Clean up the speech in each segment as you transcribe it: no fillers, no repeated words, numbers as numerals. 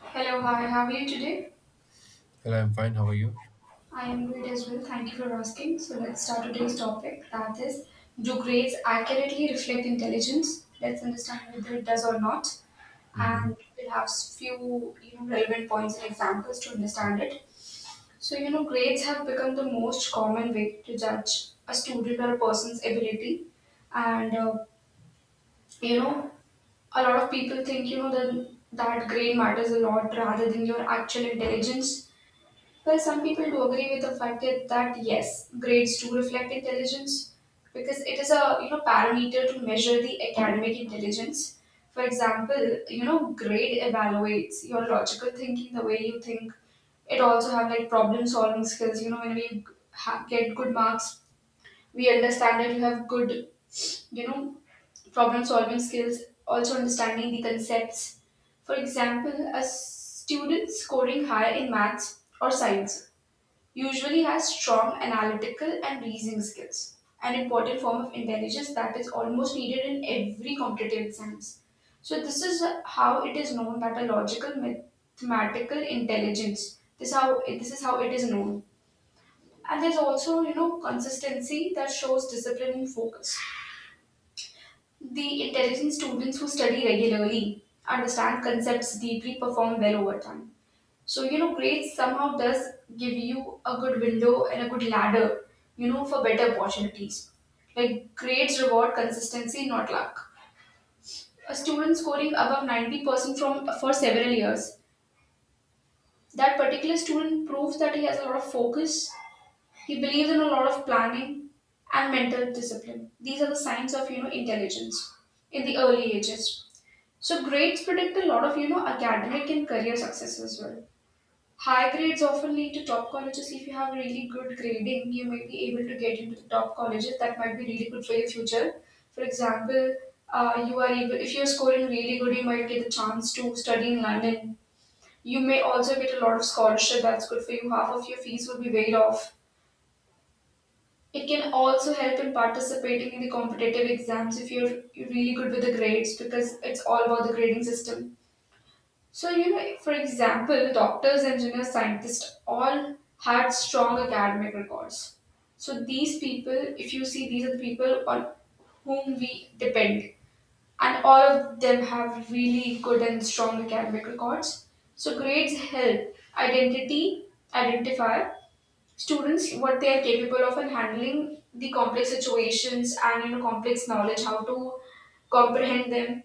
Hello, hi, how are you today? Well, I'm fine. How are you? I am great as well. Thank you for asking. So let's start today's topic. That is, do grades accurately reflect intelligence? Let's understand whether it does or not, Hmm. and we'll have few relevant points and examples to understand it. So grades have become the most common way to judge a student or a person's ability, and you know, a lot of people think that grade matters a lot rather than your actual intelligence. Well, some people do agree with the fact that yes, grades do reflect intelligence because it is a parameter to measure the academic intelligence. For example, grade evaluates your logical thinking, the way you think. It also have like problem solving skills. You know, when we get good marks, we understand that you have good, you know, problem solving skills. Also understanding the concepts. For example, a student scoring high in maths or science usually has strong analytical and reasoning skills, an important form of intelligence that is almost needed in every competitive science. So, this is how it is known that a logical mathematical intelligence. This is how it is known. And there's also consistency that shows discipline and focus. The intelligent students who study regularly understand concepts deeply, perform well over time. So, you know, grades somehow does give you a good window and a good ladder, you know, for better opportunities. Like grades reward consistency, not luck. A student scoring above 90% from for several years, that particular student proves that he has a lot of focus, he believes in a lot of planning and mental discipline. These are the signs of, you know, intelligence in the early ages. So grades predict a lot of, you know, academic and career success as well. High grades often lead to top colleges. If you have really good grading, you may be able to get into the top colleges. That might be really good for your future. For example, you are able if you're scoring really good, you might get the chance to study in London. You may also get a lot of scholarship. That's good for you. Half of your fees will be waived off. It can also help in participating in the competitive exams if you're really good with the grades because it's all about the grading system. So, you know, for example, doctors, engineers, scientists all had strong academic records. So, these people, if you see, these are the people on whom we depend, and all of them have really good and strong academic records. So, grades help identity identify students what they are capable of and handling the complex situations and you know complex knowledge how to comprehend them.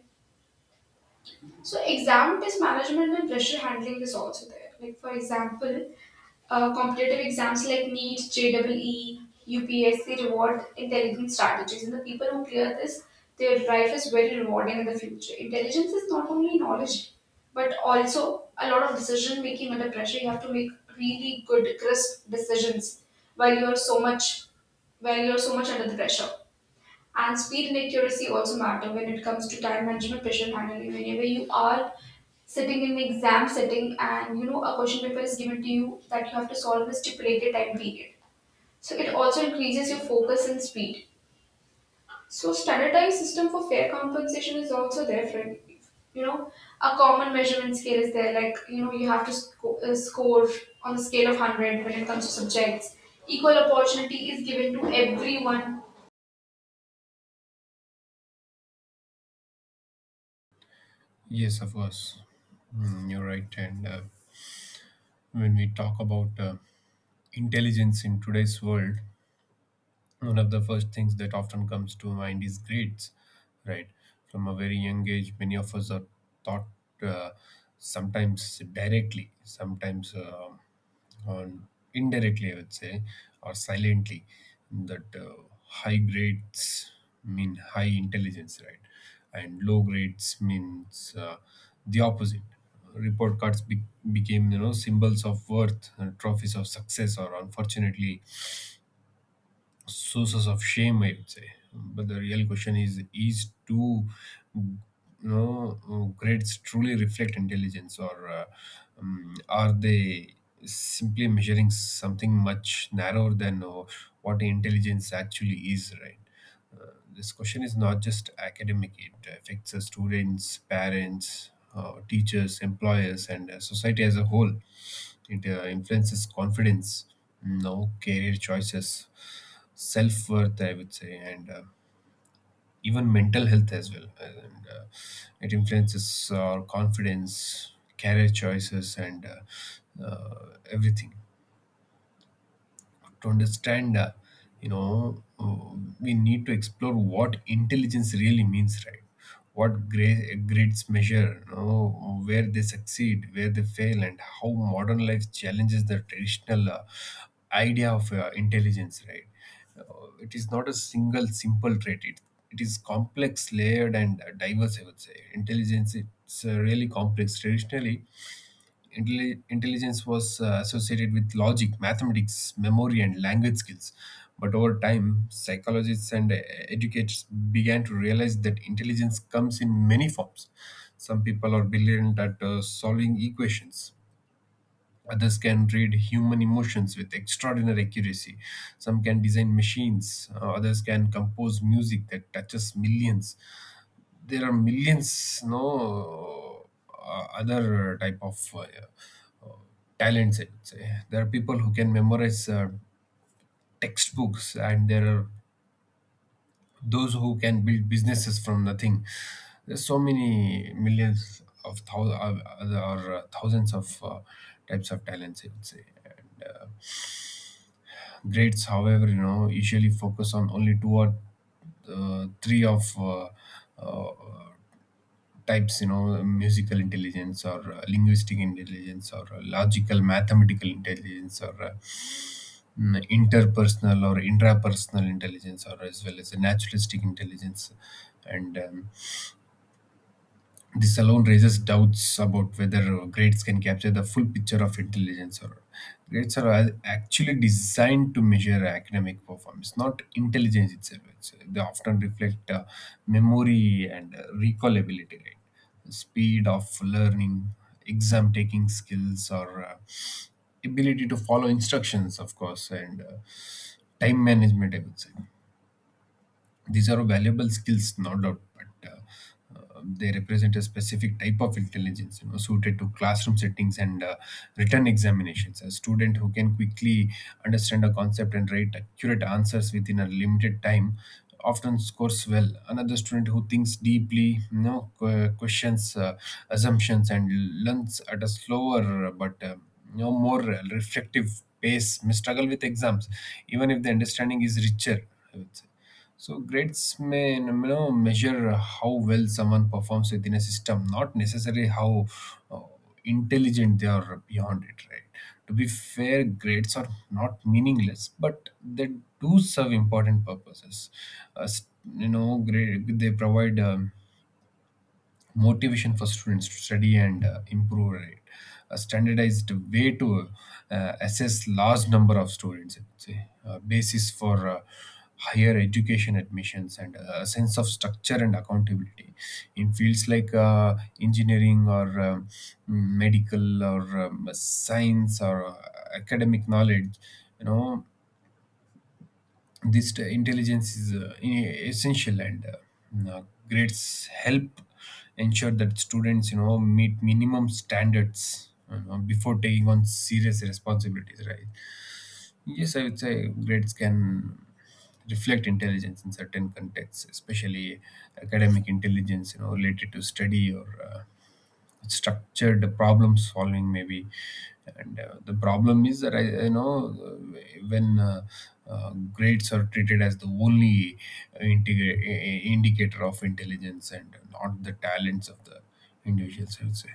So exam test management and pressure handling is also there. Like for example, competitive exams like NEET, JEE, UPSC reward intelligent strategies, and the people who clear this, their life is very rewarding in the future. Intelligence is not only knowledge, but also a lot of decision making under pressure. You have to make really good, crisp decisions while you're so much while you're so much under the pressure. And speed and accuracy also matter when it comes to time management, pressure handling. Whenever you are sitting in an exam setting and you know a question paper is given to you that you have to solve in a stipulated time period, so it also increases your focus and speed. So standardized system for fair compensation is also there for, you know, a common measurement scale is there, like you know you have to score on a scale of 100 when it comes to subjects. Equal opportunity is given to everyone. Yes, of course. Mm, you're right. And When we talk about intelligence in today's world, one of the first things that often comes to mind is grades, right? From a very young age many of us are taught, uh, sometimes directly, sometimes on indirectly I would say, or silently, that high grades mean high intelligence, right? And low grades means the opposite. Report cards became, you know, symbols of worth, trophies of success, or unfortunately sources of shame, I would say. But the real question is, do you know, grades truly reflect intelligence, or are they simply measuring something much narrower than what intelligence actually is, right? This question is not just academic. It affects the students, parents, teachers, employers, and society as a whole. It influences confidence, mm, no career choices, self worth, I would say, and even mental health as well. And It influences our confidence, career choices, and everything. To understand, you know, uh, we need to explore what intelligence really means, right? What grades measure, you know, where they succeed, where they fail, and how modern life challenges the traditional idea of intelligence, right? It is not a single simple trait. It is complex, layered, and diverse, I would say. Intelligence, it's really complex. Traditionally, intelligence was associated with logic, mathematics, memory, and language skills. But over time, psychologists and educators began to realize that intelligence comes in many forms. Some people are brilliant at solving equations. Others can read human emotions with extraordinary accuracy. Some can design machines. Others can compose music that touches millions. There are millions no other type of uh, talents, I would say. There are people who can memorize textbooks, and there are those who can build businesses from nothing. There's so many millions of thousands, or thousands of types of talents, I would say. Grades, however, you know, usually focus on only two or three of uh, types, you know, musical intelligence, or linguistic intelligence, or logical mathematical intelligence, or interpersonal or intrapersonal intelligence, or as well as a naturalistic intelligence. And this alone raises doubts about whether grades can capture the full picture of intelligence, or grades are actually designed to measure academic performance, not intelligence itself. It's, they often reflect memory and recallability, right? Speed of learning, exam taking skills, or ability to follow instructions, of course, and time management, I would say. These are valuable skills, no doubt, but they represent a specific type of intelligence, you know, suited to classroom settings and written examinations. A student who can quickly understand a concept and write accurate answers within a limited time often scores well. Another student who thinks deeply, you know, questions assumptions, and learns at a slower but you know more reflective pace, may struggle with exams even if the understanding is richer. So grades may, you know, measure how well someone performs within a system, not necessarily how uh, intelligent they are beyond it. Right? To be fair, grades are not meaningless, but they do serve important purposes. As you know, grade they provide, motivation for students to study and improve, right? A standardized way to assess large number of students, I'd say, a basis for higher education admissions, and a sense of structure and accountability. In fields like engineering, or medical, or science, or academic knowledge, you know, this intelligence is essential, and grades help ensure that students, you know, meet minimum standards, you know, before taking on serious responsibilities, right? Yes, I would say grades can reflect intelligence in certain contexts, especially academic intelligence, you know, related to study, or structured problem solving maybe. And the problem is that I know when grades are treated as the only indicator of intelligence and not the talents of the individuals, I would say.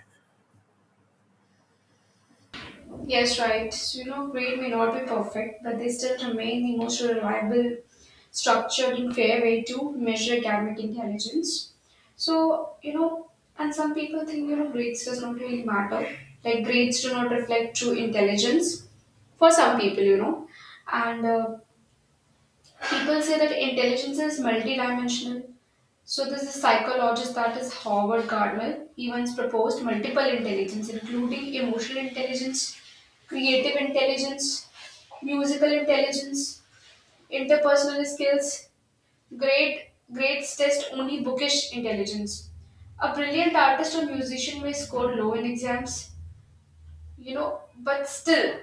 Yes, right. So, you know, grade may not be perfect, but they still remain the most reliable, structured, and fair way to measure academic intelligence. So, you know, and some people think, you know, grades does not really matter. Like, grades do not reflect true intelligence for some people, you know. And people say that intelligence is multidimensional. So this is psychologist that is Howard Gardner. He once proposed multiple intelligence, including emotional intelligence, creative intelligence, musical intelligence, interpersonal skills, great grades test only bookish intelligence. A brilliant artist or musician may score low in exams, you know, but still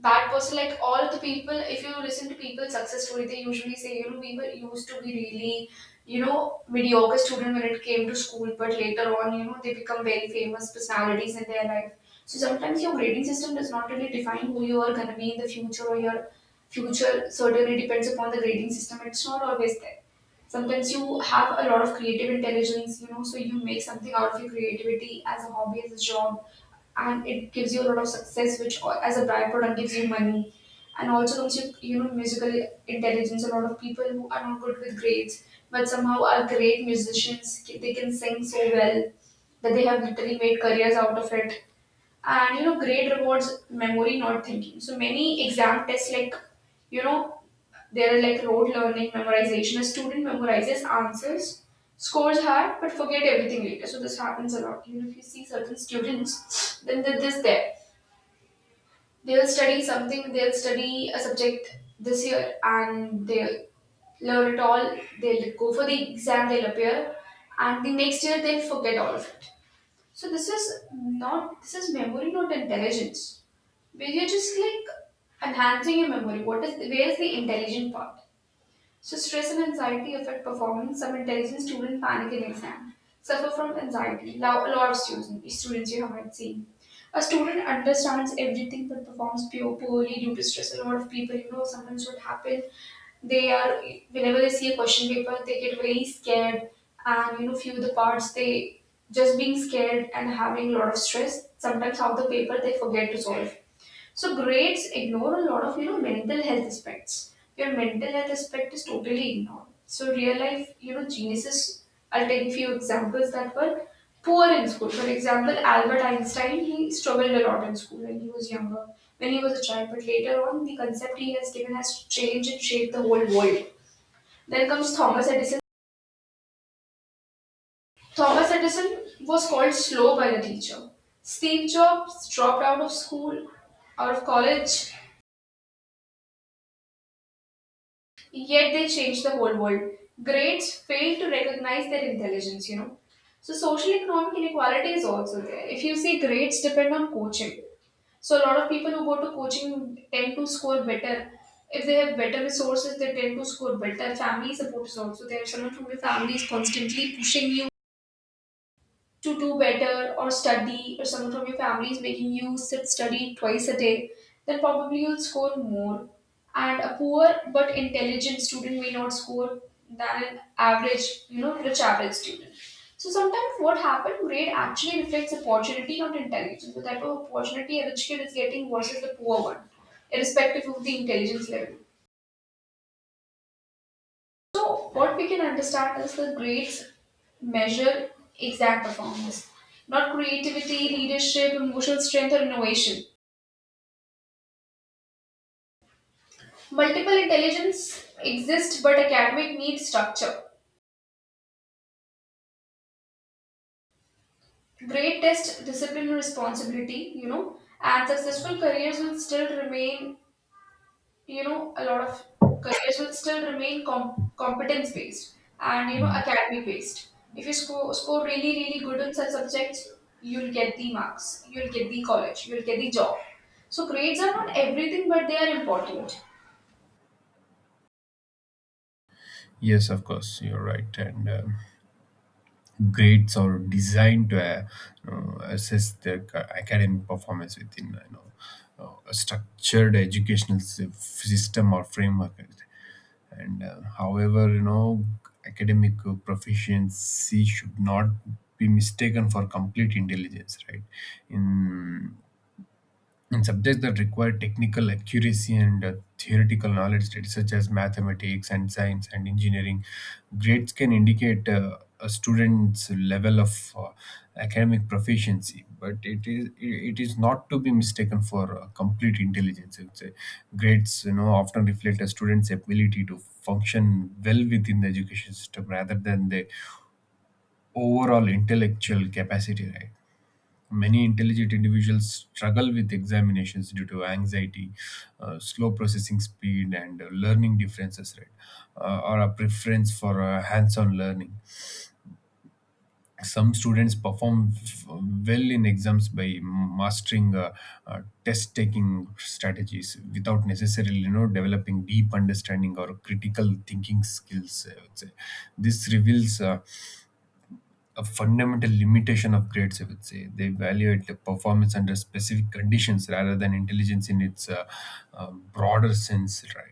that person, like all the people if you listen to people success story they usually say you know we were used to be really you know mediocre student when it came to school but later on you know they become very famous personalities in their life. So sometimes your grading system does not really define who you are going to be in the future or your future certainly depends upon the grading system, it's not always there. Sometimes you have a lot of creative intelligence, you know, so you make something out of your creativity as a hobby as a job and it gives you a lot of success which as a byproduct gives you money. And also comes you know musical intelligence, a lot of people who are not good with grades but somehow are great musicians, they can sing so well that they have literally made careers out of it. And you know grade rewards memory not thinking, so many exam tests, like you know there are like rote learning memorization, a student memorizes answers scores high but forget everything later. So this happens a lot, even if you see certain students then they're this there they'll study something, they'll study a subject this year and they'll learn it all, they'll go for the exam, they'll appear and the next year they'll forget all of it. So this is memory not intelligence, where you're just like enhancing your memory. What is where is the intelligent part? So stress and anxiety affect performance. Some intelligent students panic in exam, suffer from anxiety. Now a lot of students you haven't seen. A student understands everything but performs poorly due to stress. A lot of people, you know, sometimes what happen, they are whenever they see a question paper, they get very scared and you know, few of the parts they just being scared and having a lot of stress. Sometimes half the paper they forget to solve. So grades ignore a lot of you know mental health aspects. Your mental health aspect is totally ignored. So real life, you know, geniuses. I'll take a few examples that were poor in school. For example, Albert Einstein, he struggled a lot in school when he was younger, when he was a child. But later on, the concept he has given has changed and shaped the whole world. Then comes Thomas Edison. Thomas Edison was called slow by the teacher. Steve Jobs dropped out of school, out of college. Yet they change the whole world. Grades fail to recognize their intelligence, you know. So social economic inequality is also there. If you see grades depend on coaching. So a lot of people who go to coaching tend to score better. If they have better resources, they tend to score better. Family support is also there. Someone from your family is constantly pushing you to do better or study or someone from your family is making you sit study twice a day, then probably you'll score more. And a poor but intelligent student may not score than an average you know rich average student. So sometimes what happened, grade actually reflects opportunity not intelligence. So the type of opportunity a rich kid is getting versus the poor one, irrespective of the intelligence level. So, what we can understand is the grades measure exact performance, not creativity, leadership, emotional strength, or innovation. Multiple intelligence exists, but academic needs structure. Grade test discipline and responsibility, you know, and successful careers will still remain, you know, a lot of careers will still remain competence based and you know academic based. If you score really really good on such subjects, you'll get the marks, you'll get the college, you'll get the job. So grades are not everything but they are important. Yes, of course, you're right. And grades are designed to assess their academic performance within, you know, a structured educational system or framework. And however, you know, academic proficiency should not be mistaken for complete intelligence, right? In in subjects that require technical accuracy and theoretical knowledge, such as mathematics and science and engineering, grades can indicate a student's level of academic proficiency, but it is not to be mistaken for complete intelligence, I would say. Grades, you know, often reflect a student's ability to function well within the education system rather than the overall intellectual capacity, right? Many intelligent individuals struggle with examinations due to anxiety, slow processing speed, and learning differences, right? Or a preference for hands on learning. Some students perform well in exams by mastering test taking strategies without necessarily, you know, developing deep understanding or critical thinking skills, I would say. This reveals, a fundamental limitation of grades, I would say. They evaluate the performance under specific conditions rather than intelligence in its broader sense, right?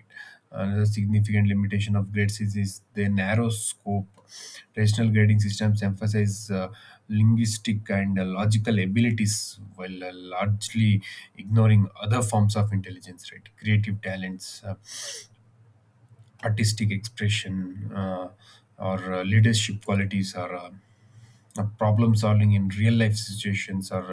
Another significant limitation of grades is their narrow scope. Traditional grading systems emphasize linguistic and logical abilities while largely ignoring other forms of intelligence, right? Creative talents, artistic expression, or leadership qualities, or problem solving in real life situations, or,